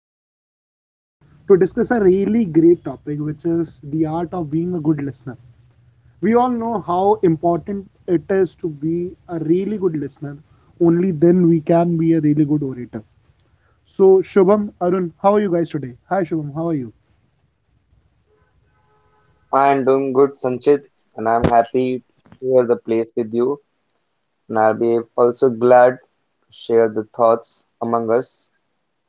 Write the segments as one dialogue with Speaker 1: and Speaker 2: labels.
Speaker 1: are connected again to discuss a really great topic, which is the art of being a good listener. We all know how important it is to be a really good listener. Only then we can be a really good orator. So, Shubham, Arun, how are you guys today? Hi, Shubham. How are you?
Speaker 2: I am doing good, Sanchit, and I'm happy to share the place with you. And I'll be also glad to share the thoughts among us.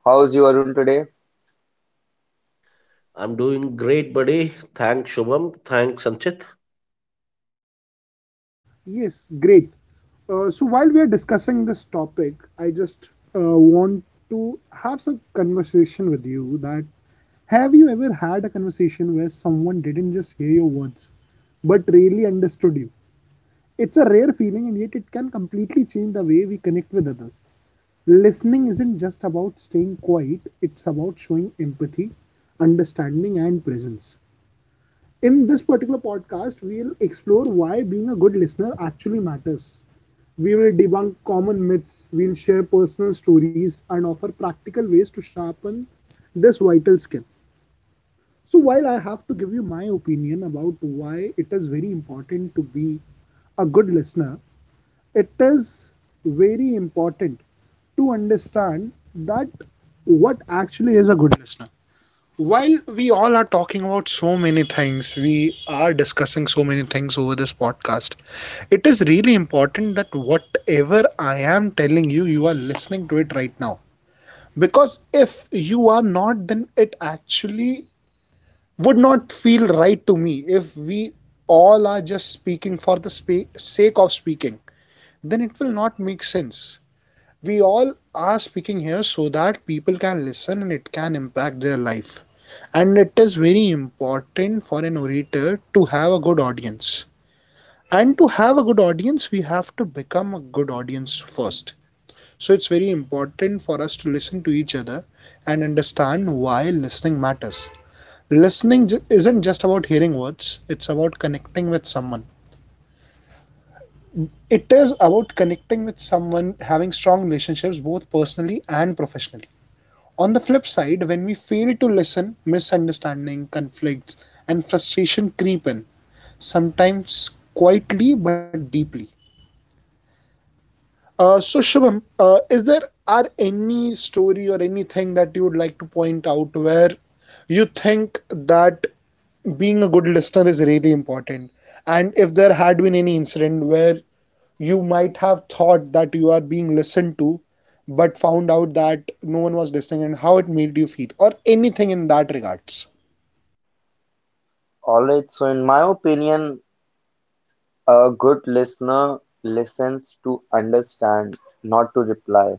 Speaker 2: How's your room today?
Speaker 3: I'm doing great, buddy. Thanks, Shubham. Thanks, Sanchit.
Speaker 1: Yes, great. So while we are discussing this topic, I just want to have some conversation with you that have you ever had a conversation where someone didn't just hear your words but really understood you? It's a rare feeling, and yet it can completely change the way we connect with others. Listening isn't just about staying quiet, it's about showing empathy, understanding, and presence. In this particular podcast, we'll explore why being a good listener actually matters. We will debunk common myths, we'll share personal stories, and offer practical ways to sharpen this vital skill. So, while I have to give you my opinion about why it is very important to be a good listener, it is very important to understand that what actually is a good listener. While we all are talking about so many things, we are discussing so many things over this podcast. It is really important that whatever I am telling you, you are listening to it right now. Because if you are not, then it actually would not feel right to me. If we all are just speaking for the sake of speaking, then it will not make sense. We all are speaking here so that people can listen and it can impact their life, and it is very important for an orator to have a good audience, and to have a good audience we have to become a good audience first. So it's very important for us to listen to each other and understand why listening matters. Listening isn't just about hearing words, it's about connecting with someone. It is about connecting with someone, having strong relationships both personally and professionally. On the flip side, when we fail to listen, misunderstanding, conflicts, and frustration creep in, sometimes quietly but deeply. So Shubham, is there are any story or anything that you would like to point out where you think that being a good listener is really important? And if there had been any incident where you might have thought that you are being listened to, but found out that no one was listening, and how it made you feel, or anything in that regards?
Speaker 2: All right, so in my opinion, a good listener listens to understand, not to reply.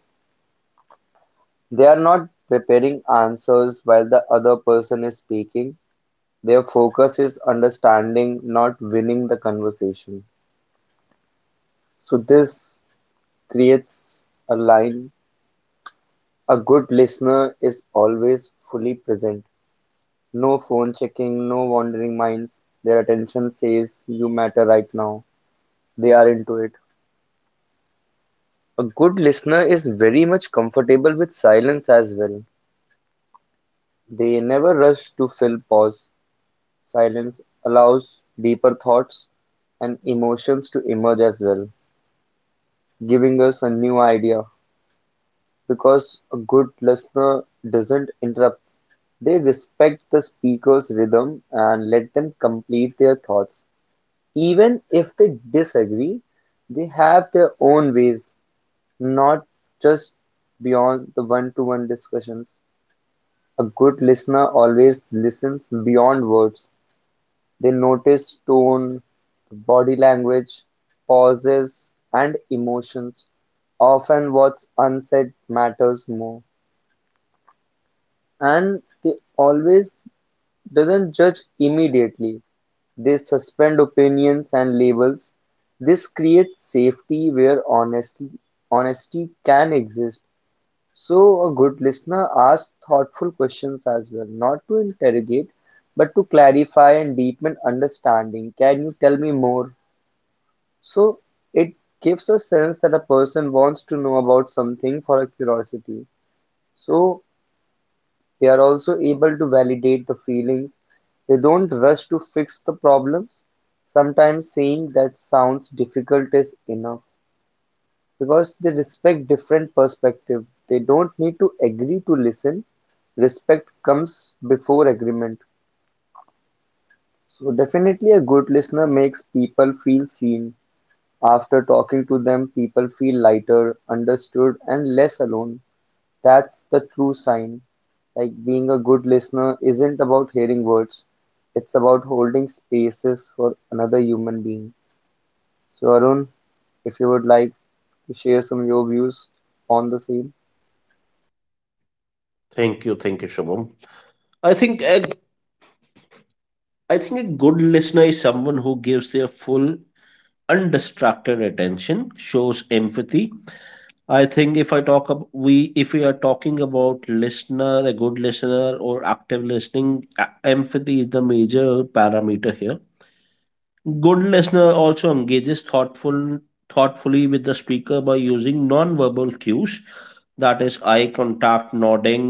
Speaker 2: They are not preparing answers while the other person is speaking. Their focus is understanding, not winning the conversation. So this creates a line. A good listener is always fully present. No phone checking, no wandering minds. Their attention says, "You matter right now." They are into it. A good listener is very much comfortable with silence as well. They never rush to fill pause. Silence allows deeper thoughts and emotions to emerge as well, giving us a new idea. Because a good listener doesn't interrupt, they respect the speaker's rhythm and let them complete their thoughts. Even if they disagree, they have their own ways, not just beyond the one to one discussions. A good listener always listens beyond words. They notice tone, body language, pauses, and emotions. Often, what's unsaid matters more. And they always doesn't judge immediately. They suspend opinions and labels. This creates safety where honesty can exist. So a good listener asks thoughtful questions as well, not to interrogate, but to clarify and deepen understanding. Can you tell me more? So it gives a sense that a person wants to know about something for a curiosity. So they are also able to validate the feelings; they don't rush to fix the problems. Sometimes saying that sounds difficult is enough because they respect different perspectives. They don't need to agree to listen. Respect comes before agreement. So, definitely, a good listener makes people feel seen. After talking to them, people feel lighter, understood, and less alone. That's the true sign. Like being a good listener isn't about hearing words, it's about holding spaces for another human being. So, Arun, if you would like to share some of your views on the same.
Speaker 3: Thank you, Shubham. I think a, I think a good listener is someone who gives their full, undistracted attention, shows empathy. I think if I talk ab- we if we are talking about listener, a good listener or active listening, empathy is the major parameter here. Good listener also engages thoughtfully with the speaker by using non-verbal cues, that is eye contact, nodding,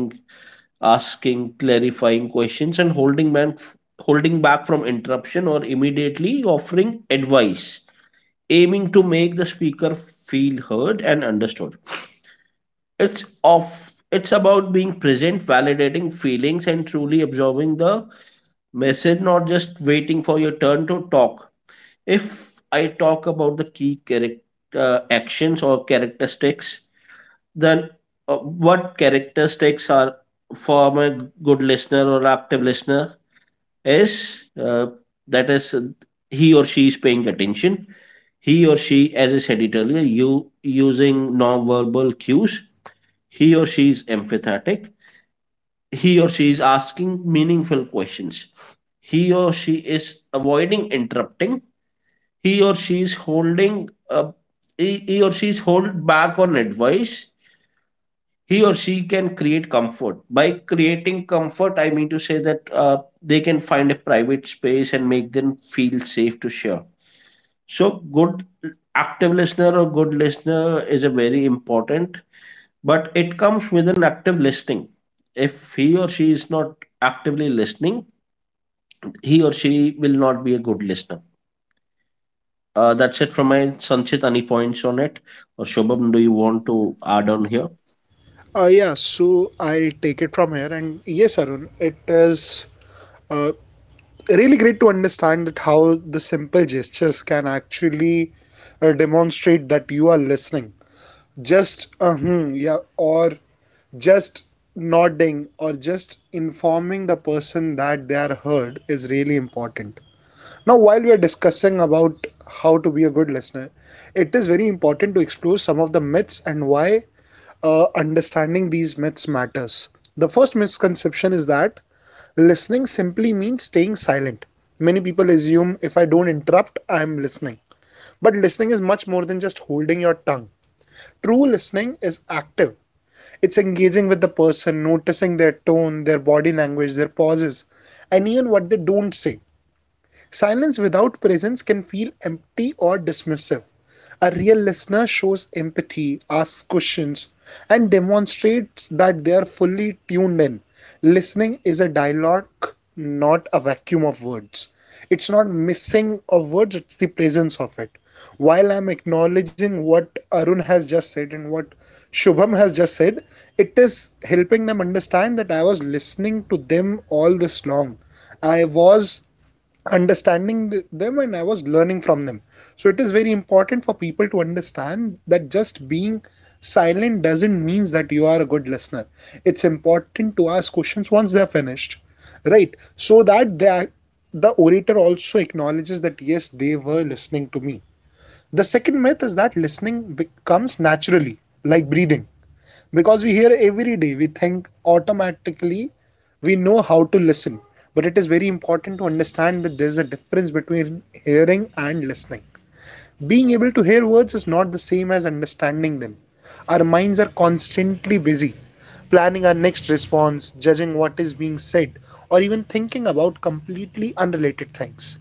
Speaker 3: asking clarifying questions, and holding back from interruption or immediately offering advice, aiming to make the speaker feel heard and understood. It's about being present, validating feelings, and truly absorbing the message, not just waiting for your turn to talk. If I talk about the key character actions or characteristics, then what characteristics are from a good listener or active listener is uh, is he or she is paying attention, he or she, as I said it earlier, you using non-verbal cues, he or she is empathetic, he or she is asking meaningful questions, he or she is avoiding interrupting, he or she is holding he or she is hold back on advice, he or she can create comfort by creating comfort. I mean to say that they can find a private space and make them feel safe to share. So, good active listener or good listener is a very important, but it comes with an active listening. If he or she is not actively listening, he or she will not be a good listener. That's it from my. Sanchit, any points on it, or Shobham, do you want to add on here?
Speaker 1: Yeah, so I'll take it from here. And yes, Arun, it is. Uh, Really great to understand that how the simple gestures can actually demonstrate that you are listening. Just hmm, yeah, or just nodding or just informing the person that they are heard is really important. Now, while we are discussing about how to be a good listener, it is very important to explore some of the myths and why understanding these myths matters. The first misconception is that listening simply means staying silent. Many people assume if I don't interrupt, I'm listening. But listening is much more than just holding your tongue. True listening is active, it's engaging with the person, noticing their tone, their body language, their pauses, and even what they don't say. Silence without presence can feel empty or dismissive. A real listener shows empathy, asks questions, and demonstrates that they are fully tuned in. Listening is a dialogue, not a vacuum of words. It's not missing of words, it's the presence of it. While I'm acknowledging what Arun has just said and what Shubham has just said, it is helping them understand that I was listening to them all this long. I was understanding them and I was learning from them. So it is very important for people to understand that just being silent doesn't mean that you are a good listener. It's important to ask questions once they're finished, right? So that the orator also acknowledges that yes, they were listening to me. The second myth is that listening becomes naturally, like breathing. Because we hear every day, we think automatically we know how to listen. But it is very important to understand that there's a difference between hearing and listening. Being able to hear words is not the same as understanding them. Our minds are constantly busy, planning our next response, judging what is being said, or even thinking about completely unrelated things.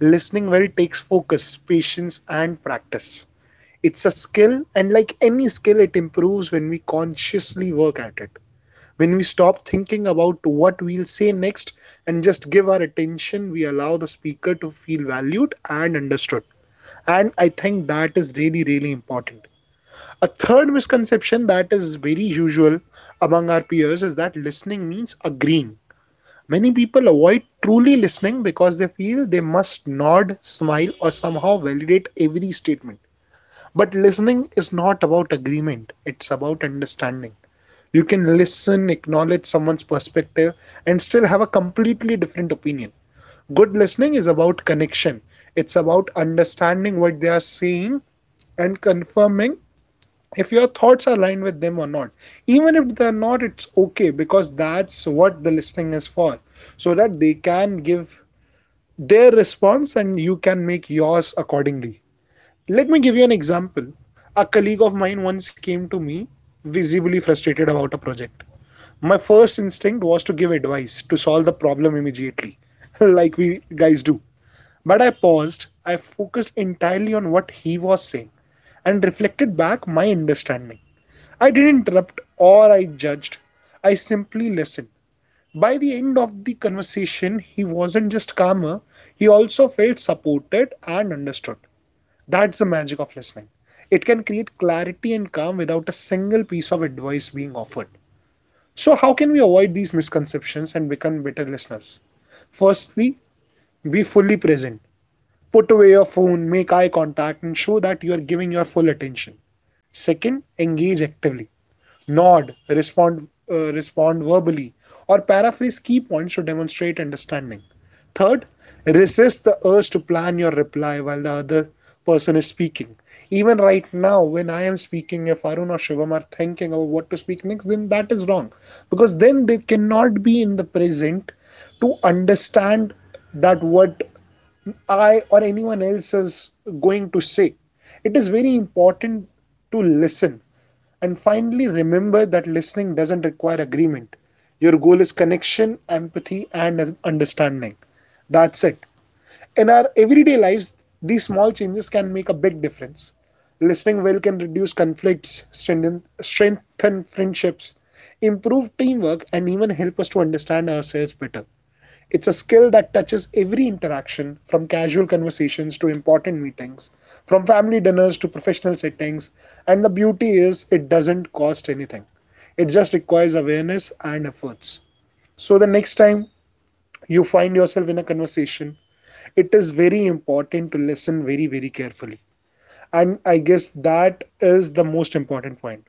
Speaker 1: Listening well takes focus, patience, and practice. It's a skill, and like any skill, it improves when we consciously work at it. When we stop thinking about what we'll say next and just give our attention, we allow the speaker to feel valued and understood. And I think that is really, really important. A third misconception that is very usual among our peers is that listening means agreeing. Many people avoid truly listening because they feel they must nod, smile, or somehow validate every statement. But listening is not about agreement, it's about understanding. You can listen, acknowledge someone's perspective, and still have a completely different opinion. Good listening is about connection, it's about understanding what they are saying and confirming if your thoughts are aligned with them or not. Even if they're not, it's okay because that's what the listening is for, so that they can give their response and you can make yours accordingly. Let me give you an example. A colleague of mine once came to me visibly frustrated about a project. My first instinct was to give advice to solve the problem immediately, like we guys do. But I paused, I focused entirely on what he was saying, and reflected back my understanding. I didn't interrupt or I judged, I simply listened. By the end of the conversation, he wasn't just calmer, he also felt supported and understood. That's the magic of listening. It can create clarity and calm without a single piece of advice being offered. So, how can we avoid these misconceptions and become better listeners? Firstly, be fully present. Put away your phone, make eye contact, and show that you are giving your full attention. Second, engage actively, nod, respond verbally, or paraphrase key points to demonstrate understanding. Third, resist the urge to plan your reply while the other person is speaking. Even right now, when I am speaking, if Arun or Shivam are thinking about what to speak next, then that is wrong because then they cannot be in the present to understand that what I or anyone else is going to say. It is very important to listen. And finally, remember that listening doesn't require agreement. Your goal is connection, empathy, and understanding. That's it. In our everyday lives, these small changes can make a big difference. Listening well can reduce conflicts, strengthen friendships, improve teamwork, and even help us to understand ourselves better. It's a skill that touches every interaction, from casual conversations to important meetings, from family dinners to professional settings, and the beauty is it doesn't cost anything. It just requires awareness and efforts. So, the next time you find yourself in a conversation, it is very important to listen very, very carefully. And I guess that is the most important point.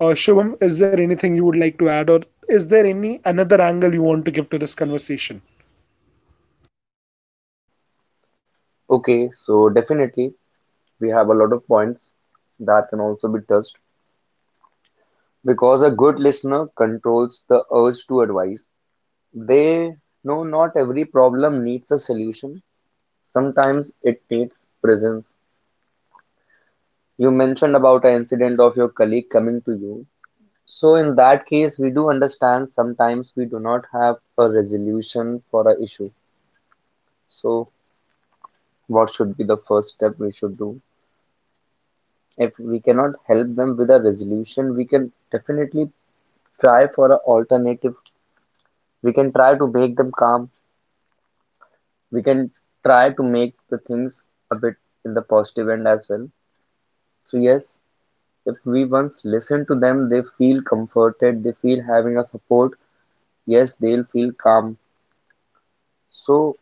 Speaker 1: Shubham, is there anything you would like to add, or is there any another angle you want to give to this conversation?
Speaker 2: Okay, so definitely we have a lot of points that can also be touched because a good listener controls the urge to advise. They know not every problem needs a solution. Sometimes it needs presence. You mentioned about an incident of your colleague coming to you. So, in that case, we do understand sometimes we do not have a resolution for a issue. So, what should be the first step we should do? If we cannot help them with a resolution, we can definitely try for an alternative. We can try to make them calm. We can try to make the things a bit in the positive end as well. So, yes, if we once listen to them, they feel comforted, they feel having a support. Yes, they'll feel calm. So,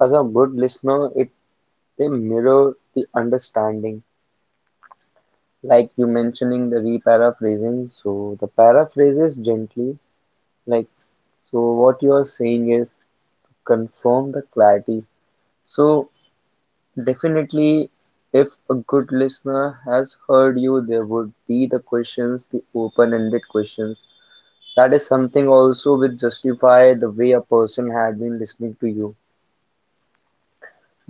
Speaker 2: as a good listener, it they mirror the understanding. Like you mentioning the re-paraphrasing, so the paraphrases gently, like so what you are saying is confirm the clarity. So definitely if a good listener has heard you, there would be the questions, the open-ended questions. That is something also which justify the way a person had been listening to you.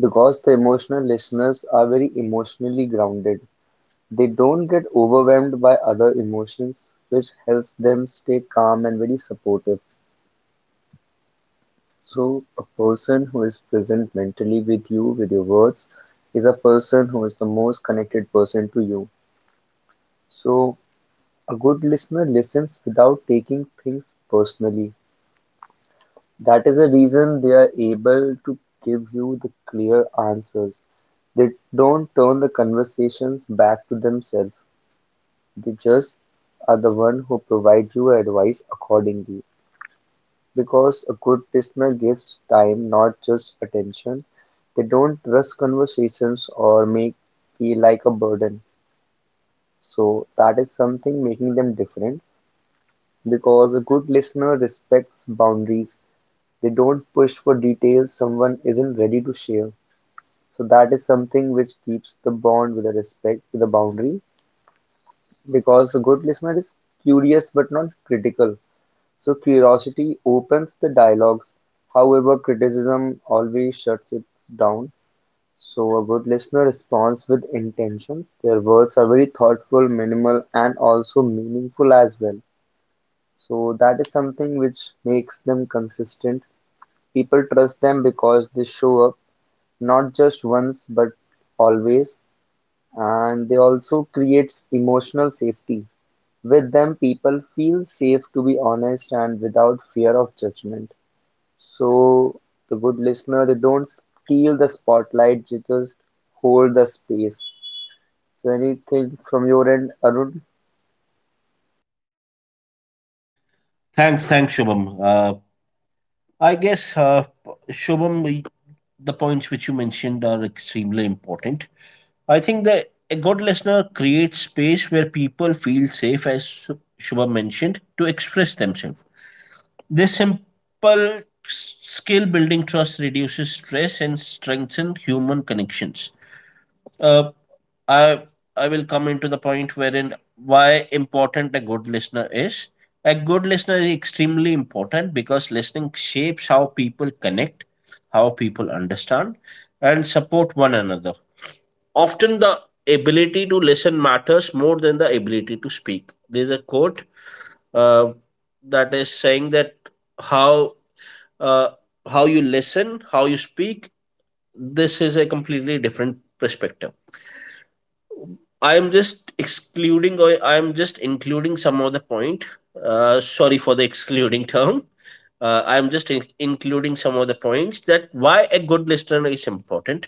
Speaker 2: Because the emotional listeners are very emotionally grounded, they don't get overwhelmed by other emotions, which helps them stay calm and very supportive. So, a person who is present mentally with you, with your words, is a person who is the most connected person to you. So, a good listener listens without taking things personally. That is the reason they're able to give you the clear answers. They don't turn the conversations back to themselves. They just are the one who provide you advice accordingly. Because a good listener gives time, not just attention. They don't rush conversations or make feel like a burden. So that is something making them different because a good listener respects boundaries. They don't push for details someone isn't ready to share. So that is something which keeps the bond with a respect, with a boundary, because a good listener is curious but not critical. So curiosity opens the dialogues. However, criticism always shuts it down. So a good listener responds with intention. Their words are very thoughtful, minimal, and also meaningful as well. So that is something which makes them consistent. People trust them because they show up not just once but always, and they also creates emotional safety. With them people feel safe to be honest and without fear of judgment. So the good listener, they don't steal the spotlight, they just hold the space. So anything from your end, Arun?
Speaker 3: Thanks, thanks, Shobham. uh, I guess, Shubham, we- the points which you mentioned are extremely important. I think that a good listener creates space where people feel safe, as Shubham mentioned, to express themselves. This skill building trust reduces stress and strengthens human connections. Uh, I I will come into the point wherein why important a good listener is. A good listener is extremely important because listening shapes how people connect, how people understand, and support one another. Often, the ability to listen matters more than the ability to speak. There's a quote uh, that is saying that how, uh, how you listen, how you speak, this is a completely different perspective. I am just excluding or I am just including some of the point. Sorry for the excluding term. I am just including some of the points that why a good listener is important.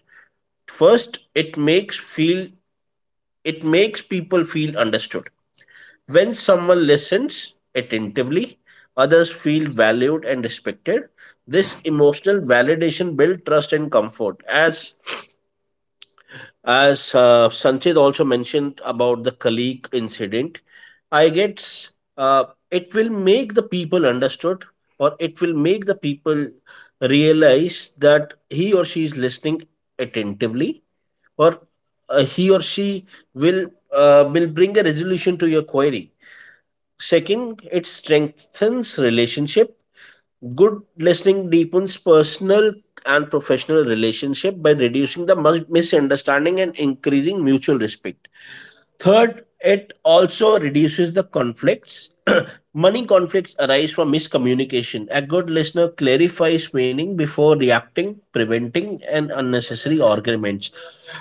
Speaker 3: First, it makes people feel understood. When someone listens attentively, others feel valued and respected. This emotional validation builds trust and comfort. As Sanchit also mentioned about the colleague incident, I guess uh, it will make the people understood, or it will make the people realize that he or she is listening attentively, or he or she will will bring a resolution to your query. Second, it strengthens relationship. Good listening deepens personal and professional relationship by reducing the misunderstanding and increasing mutual respect. Third, it also reduces the conflicts. Money conflicts arise from miscommunication. A good listener clarifies meaning before reacting, preventing an unnecessary arguments.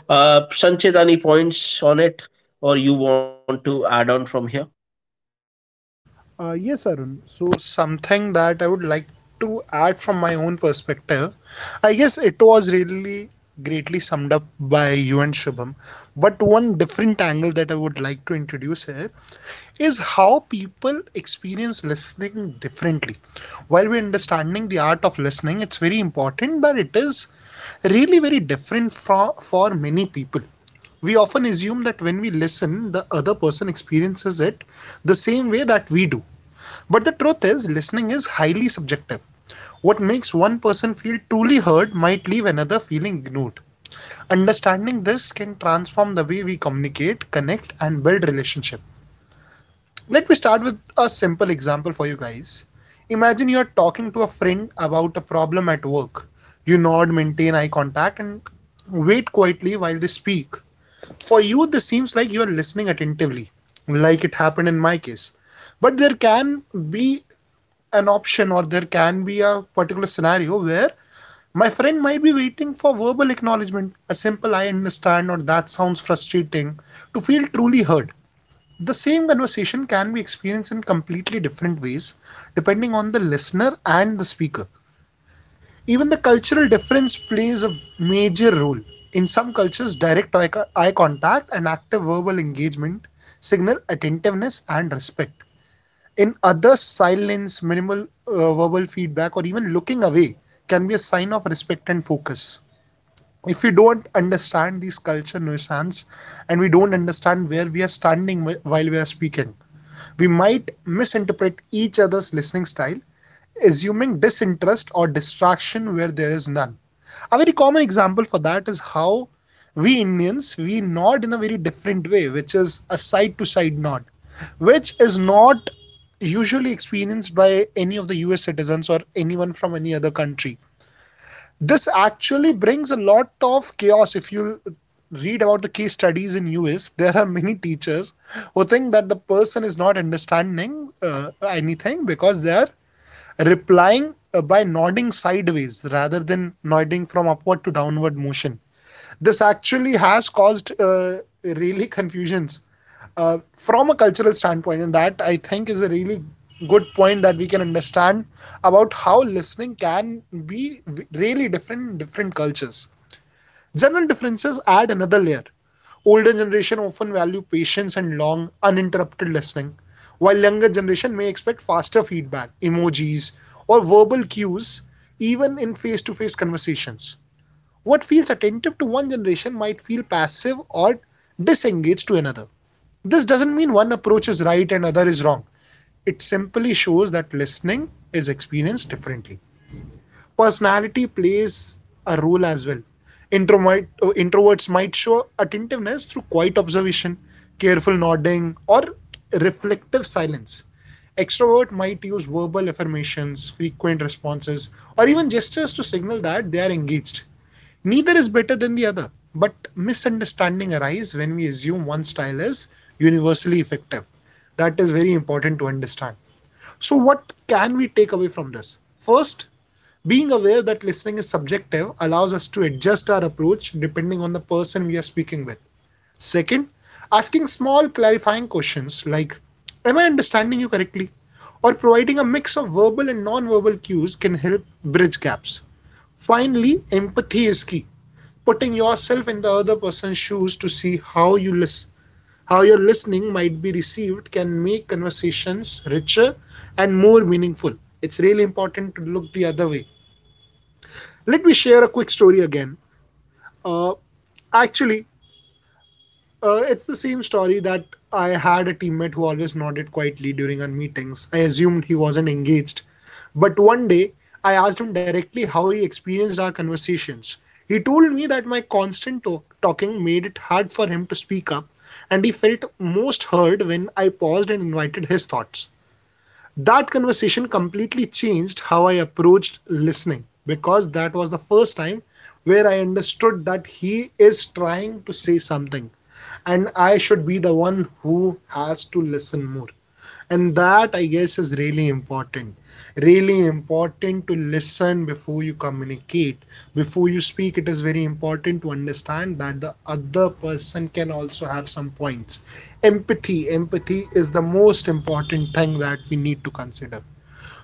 Speaker 3: Sanchit, any points on it, or you want to add on from here?
Speaker 1: Yes, Arun. So, something that I would like to add from my own perspective, I guess it was really greatly summed up by you and Shubham. But one different angle that I would like to introduce here is how people experience listening differently. While we're understanding the art of listening, it's very important that it is really very different from for many people. We often assume that when we listen, the other person experiences it the same way that we do. But the truth is, listening is highly subjective. What makes one person feel truly heard might leave another feeling ignored. Understanding this can transform the way we communicate, connect, and build relationship. Let me start with a simple example for you guys. Imagine you are talking to a friend about a problem at work. You nod, maintain eye contact, and wait quietly while they speak. For you, this seems like you are listening attentively, like it happened in my case. But there can be an option, or there can be a particular scenario where my friend might be waiting for verbal acknowledgement, a simple I understand or that sounds frustrating, to feel truly heard. The same conversation can be experienced in completely different ways depending on the listener and the speaker. Even the cultural difference plays a major role. In some cultures, direct eye contact and active verbal engagement signal attentiveness and respect. In others, silence, minimal verbal feedback, or even looking away can be a sign of respect and focus. If we don't understand these culture nuisance and we don't understand where we are standing while we are speaking, we might misinterpret each other's listening style, assuming disinterest or distraction where there is none. A very common example for that is how we Indians we nod in a very different way, which is a side to side nod which is not usually experienced by any of the US citizens or anyone from any other country. This actually brings a lot of chaos if you read about the case studies in US. There are many teachers who think that the person is not understanding anything because they are replying by nodding sideways rather than nodding from upward to downward motion. This actually has caused really confusions uh, from a cultural standpoint, and that I think is a really good point that we can understand about how listening can be really different in different cultures. General differences add another layer. Older generation often value patience and long uninterrupted listening, while younger generation may expect faster feedback, emojis, or verbal cues even in face-to-face conversations. What feels attentive to one generation might feel passive or disengaged to another. This doesn't mean one approach is right and other is wrong. It simply shows that listening is experienced differently. Personality plays a role as well. Intro introverts might show attentiveness through quiet observation, careful nodding, or reflective silence. Extrovert might use verbal affirmations, frequent responses, or even gestures to signal that they are engaged. Neither is better than the other, but misunderstanding arises when we assume one style is universally effective. That is very important to understand. So what can we take away from this? First, being aware that listening is subjective allows us to adjust our approach depending on the person we are speaking with. Second, asking small clarifying questions like, am I understanding you correctly? Or providing a mix of verbal and non-verbal cues can help bridge gaps. Finally, empathy is key. Putting yourself in the other person's shoes to see how your listening might be received can make conversations richer and more meaningful. It's really important to look the other way. Let me share a quick story again. Uh, actually It's the same story that I had a teammate who always nodded quietly during our meetings. I assumed he wasn't engaged. But one day, I asked him directly how he experienced our conversations. He told me that my constant talking made it hard for him to speak up, and he felt most heard when I paused and invited his thoughts. That conversation completely changed how I approached listening, because that was the first time where I understood that he is trying to say something and I should be the one who has to listen more. And that, I guess, is really important. Really important to listen before you communicate. Before you speak, it is very important to understand that the other person can also have some points. Empathy. Empathy is the most important thing that we need to consider.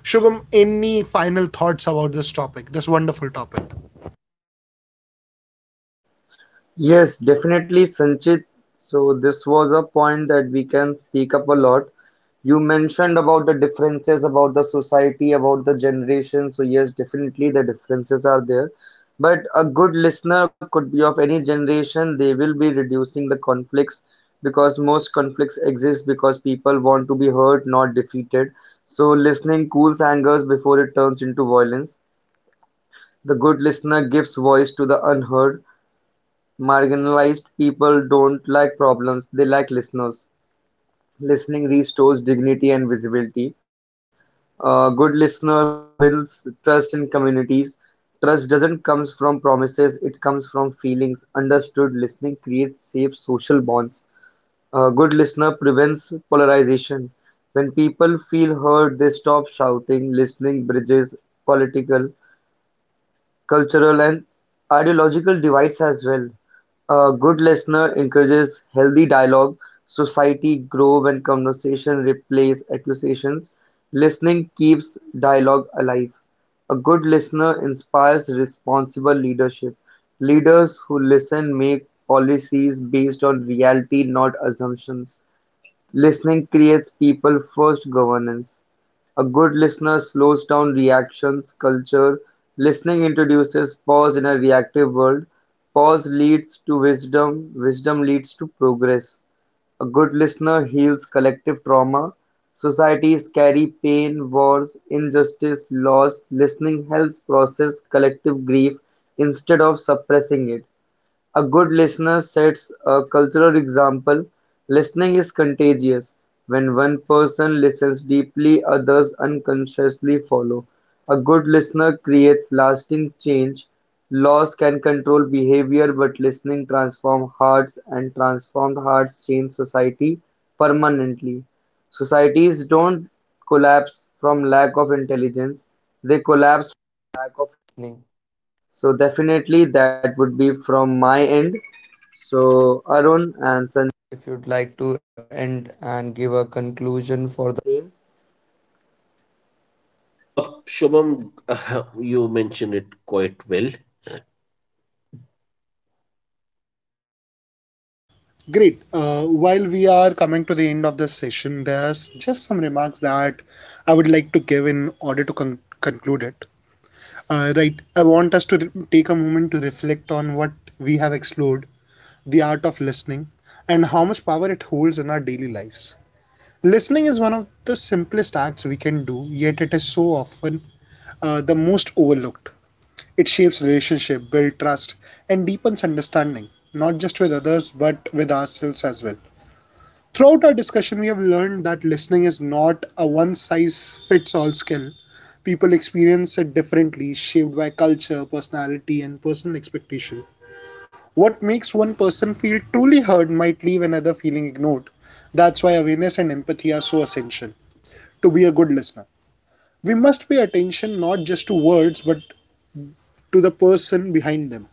Speaker 1: Shubham, any final thoughts about this topic, this wonderful topic?
Speaker 2: Yes, definitely, Sanchit. So, this was a point that we can speak up a lot. You mentioned about the differences about the society, about the generation. So, yes, definitely the differences are there. But a good listener could be of any generation, they will be reducing the conflicts because most conflicts exist because people want to be heard, not defeated. So, listening cools angers before it turns into violence. The good listener gives voice to the unheard. Marginalized people don't like problems, they like listeners. Listening restores dignity and visibility. A good listener builds trust in communities. Trust doesn't come from promises, it comes from feelings. Understood listening creates safe social bonds. A good listener prevents polarization. When people feel heard, they stop shouting. Listening bridges political, cultural, and ideological divides as well. A good listener encourages healthy dialogue, society grow when conversation replace accusations. Listening keeps dialogue alive. A good listener inspires responsible leadership. Leaders who listen make policies based on reality, not assumptions. Listening creates people first governance. A good listener slows down reactions culture, listening introduces pause in a reactive world, pause leads to wisdom, wisdom leads to progress. A good listener heals collective trauma. Societies carry pain, wars, injustice, loss. Listening helps process collective grief instead of suppressing it. A good listener sets a cultural example. Listening is contagious. When one person listens deeply, others unconsciously follow. A good listener creates lasting change. Laws can control behavior, but listening transforms hearts, and transformed hearts change society permanently. Societies don't collapse from lack of intelligence, they collapse.
Speaker 3: Uh, Shubham, you mentioned it quite well.
Speaker 1: Great. While we are coming to the end of this session, there's just some remarks that I would like to give in order to conclude it. Right. I want us to take a moment to reflect on what we have explored, the art of listening and how much power it holds in our daily lives. Listening is one of the simplest acts we can do, yet it is so often the most overlooked. It shapes relationship, builds trust, and deepens understanding, not just with others but with ourselves as well. Throughout our discussion, we have learned that listening is not a one size fits all skill. People experience it differently, shaped by culture, personality, and personal expectation. What makes one person feel truly heard might leave another feeling ignored. That's why awareness and empathy are so essential to be a good listener. We must pay attention not just to words but to the person behind them,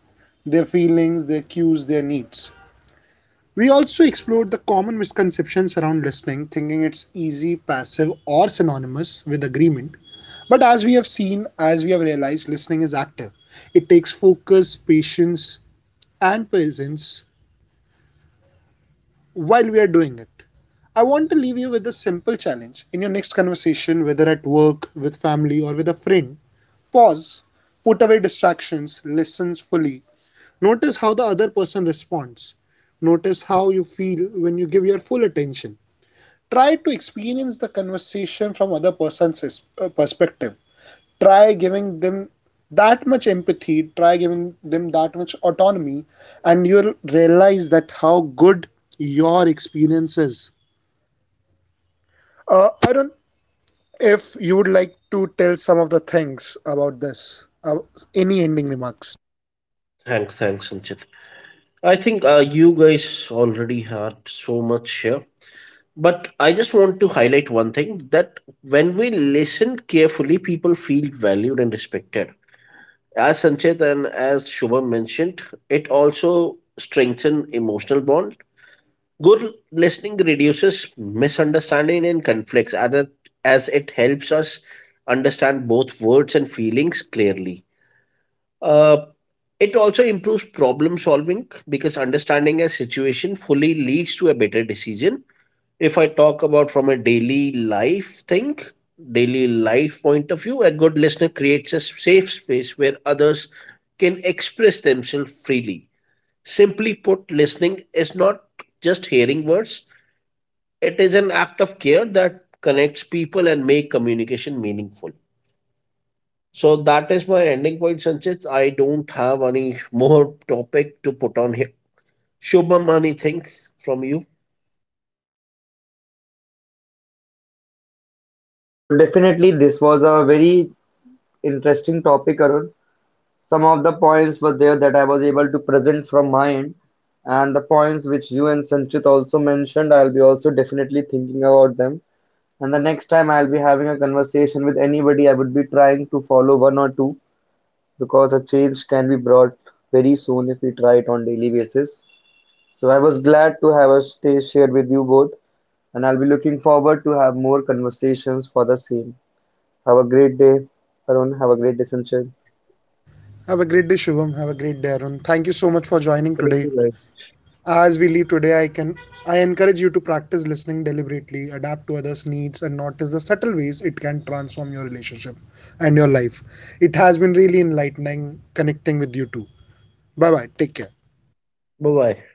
Speaker 1: their feelings, their cues, their needs. We also explored the common misconceptions around listening, thinking it's easy, passive, or synonymous with agreement. But as we have seen, as we have realized, listening is active. It takes focus, patience, and presence while we are doing it. I want to leave you with a simple challenge in your next conversation, whether at work, with family, or with a friend. Pause, put away distractions, listen fully. Notice how the other person responds. Notice how you feel when you give your full attention. Try to experience the conversation from other person's perspective. Try giving them that much empathy, try giving them that much autonomy, and you'll realize that how good your experience is. I don't If you would like to tell some of the things about this, uh, any ending remarks?
Speaker 3: Thanks, thanks, Sanchit. I think you guys already had so much here, but I just want to highlight one thing that when we listen carefully, people feel valued and respected. As Sanchit and as Shubham mentioned, it also strengthens emotional bond. Good listening reduces misunderstanding and conflicts, as it helps us understand both words and feelings clearly. Uh, it also improves problem solving because understanding a situation fully leads to a better decision. If I talk about from a daily life point of view, a good listener creates a safe space where others can express themselves freely. Simply put, listening is not just hearing words, it is an act of care that connects people and make communication meaningful. So that is my ending point, Sanchit. I don't have any more topic to put on here. Shubham, anything from you?
Speaker 2: So definitely this was a very interesting topic, Arun. Some of the points were there that I was able to present from my end, and the points which you and Sanchit also mentioned, I'll be also definitely thinking about them. And the next time I'll be having a conversation with anybody, I would be trying to follow one or two because a change can be brought very soon if we try it on daily basis. So I was glad to have a stay shared with you both, and I'll be looking forward to have more conversations for the same. Have a great day, Arun. Have a great day, Sanjay.
Speaker 1: Have a great day, Shivam. Have a great day, Arun. Thank you so much for joining
Speaker 3: Thank
Speaker 1: today.
Speaker 3: you, man.
Speaker 1: As we leave today, I encourage you to practice listening deliberately, adapt to others' needs, and notice the subtle ways it can transform your relationship and your life. It has been really enlightening connecting with you too. Bye bye. Take care.
Speaker 3: Bye bye.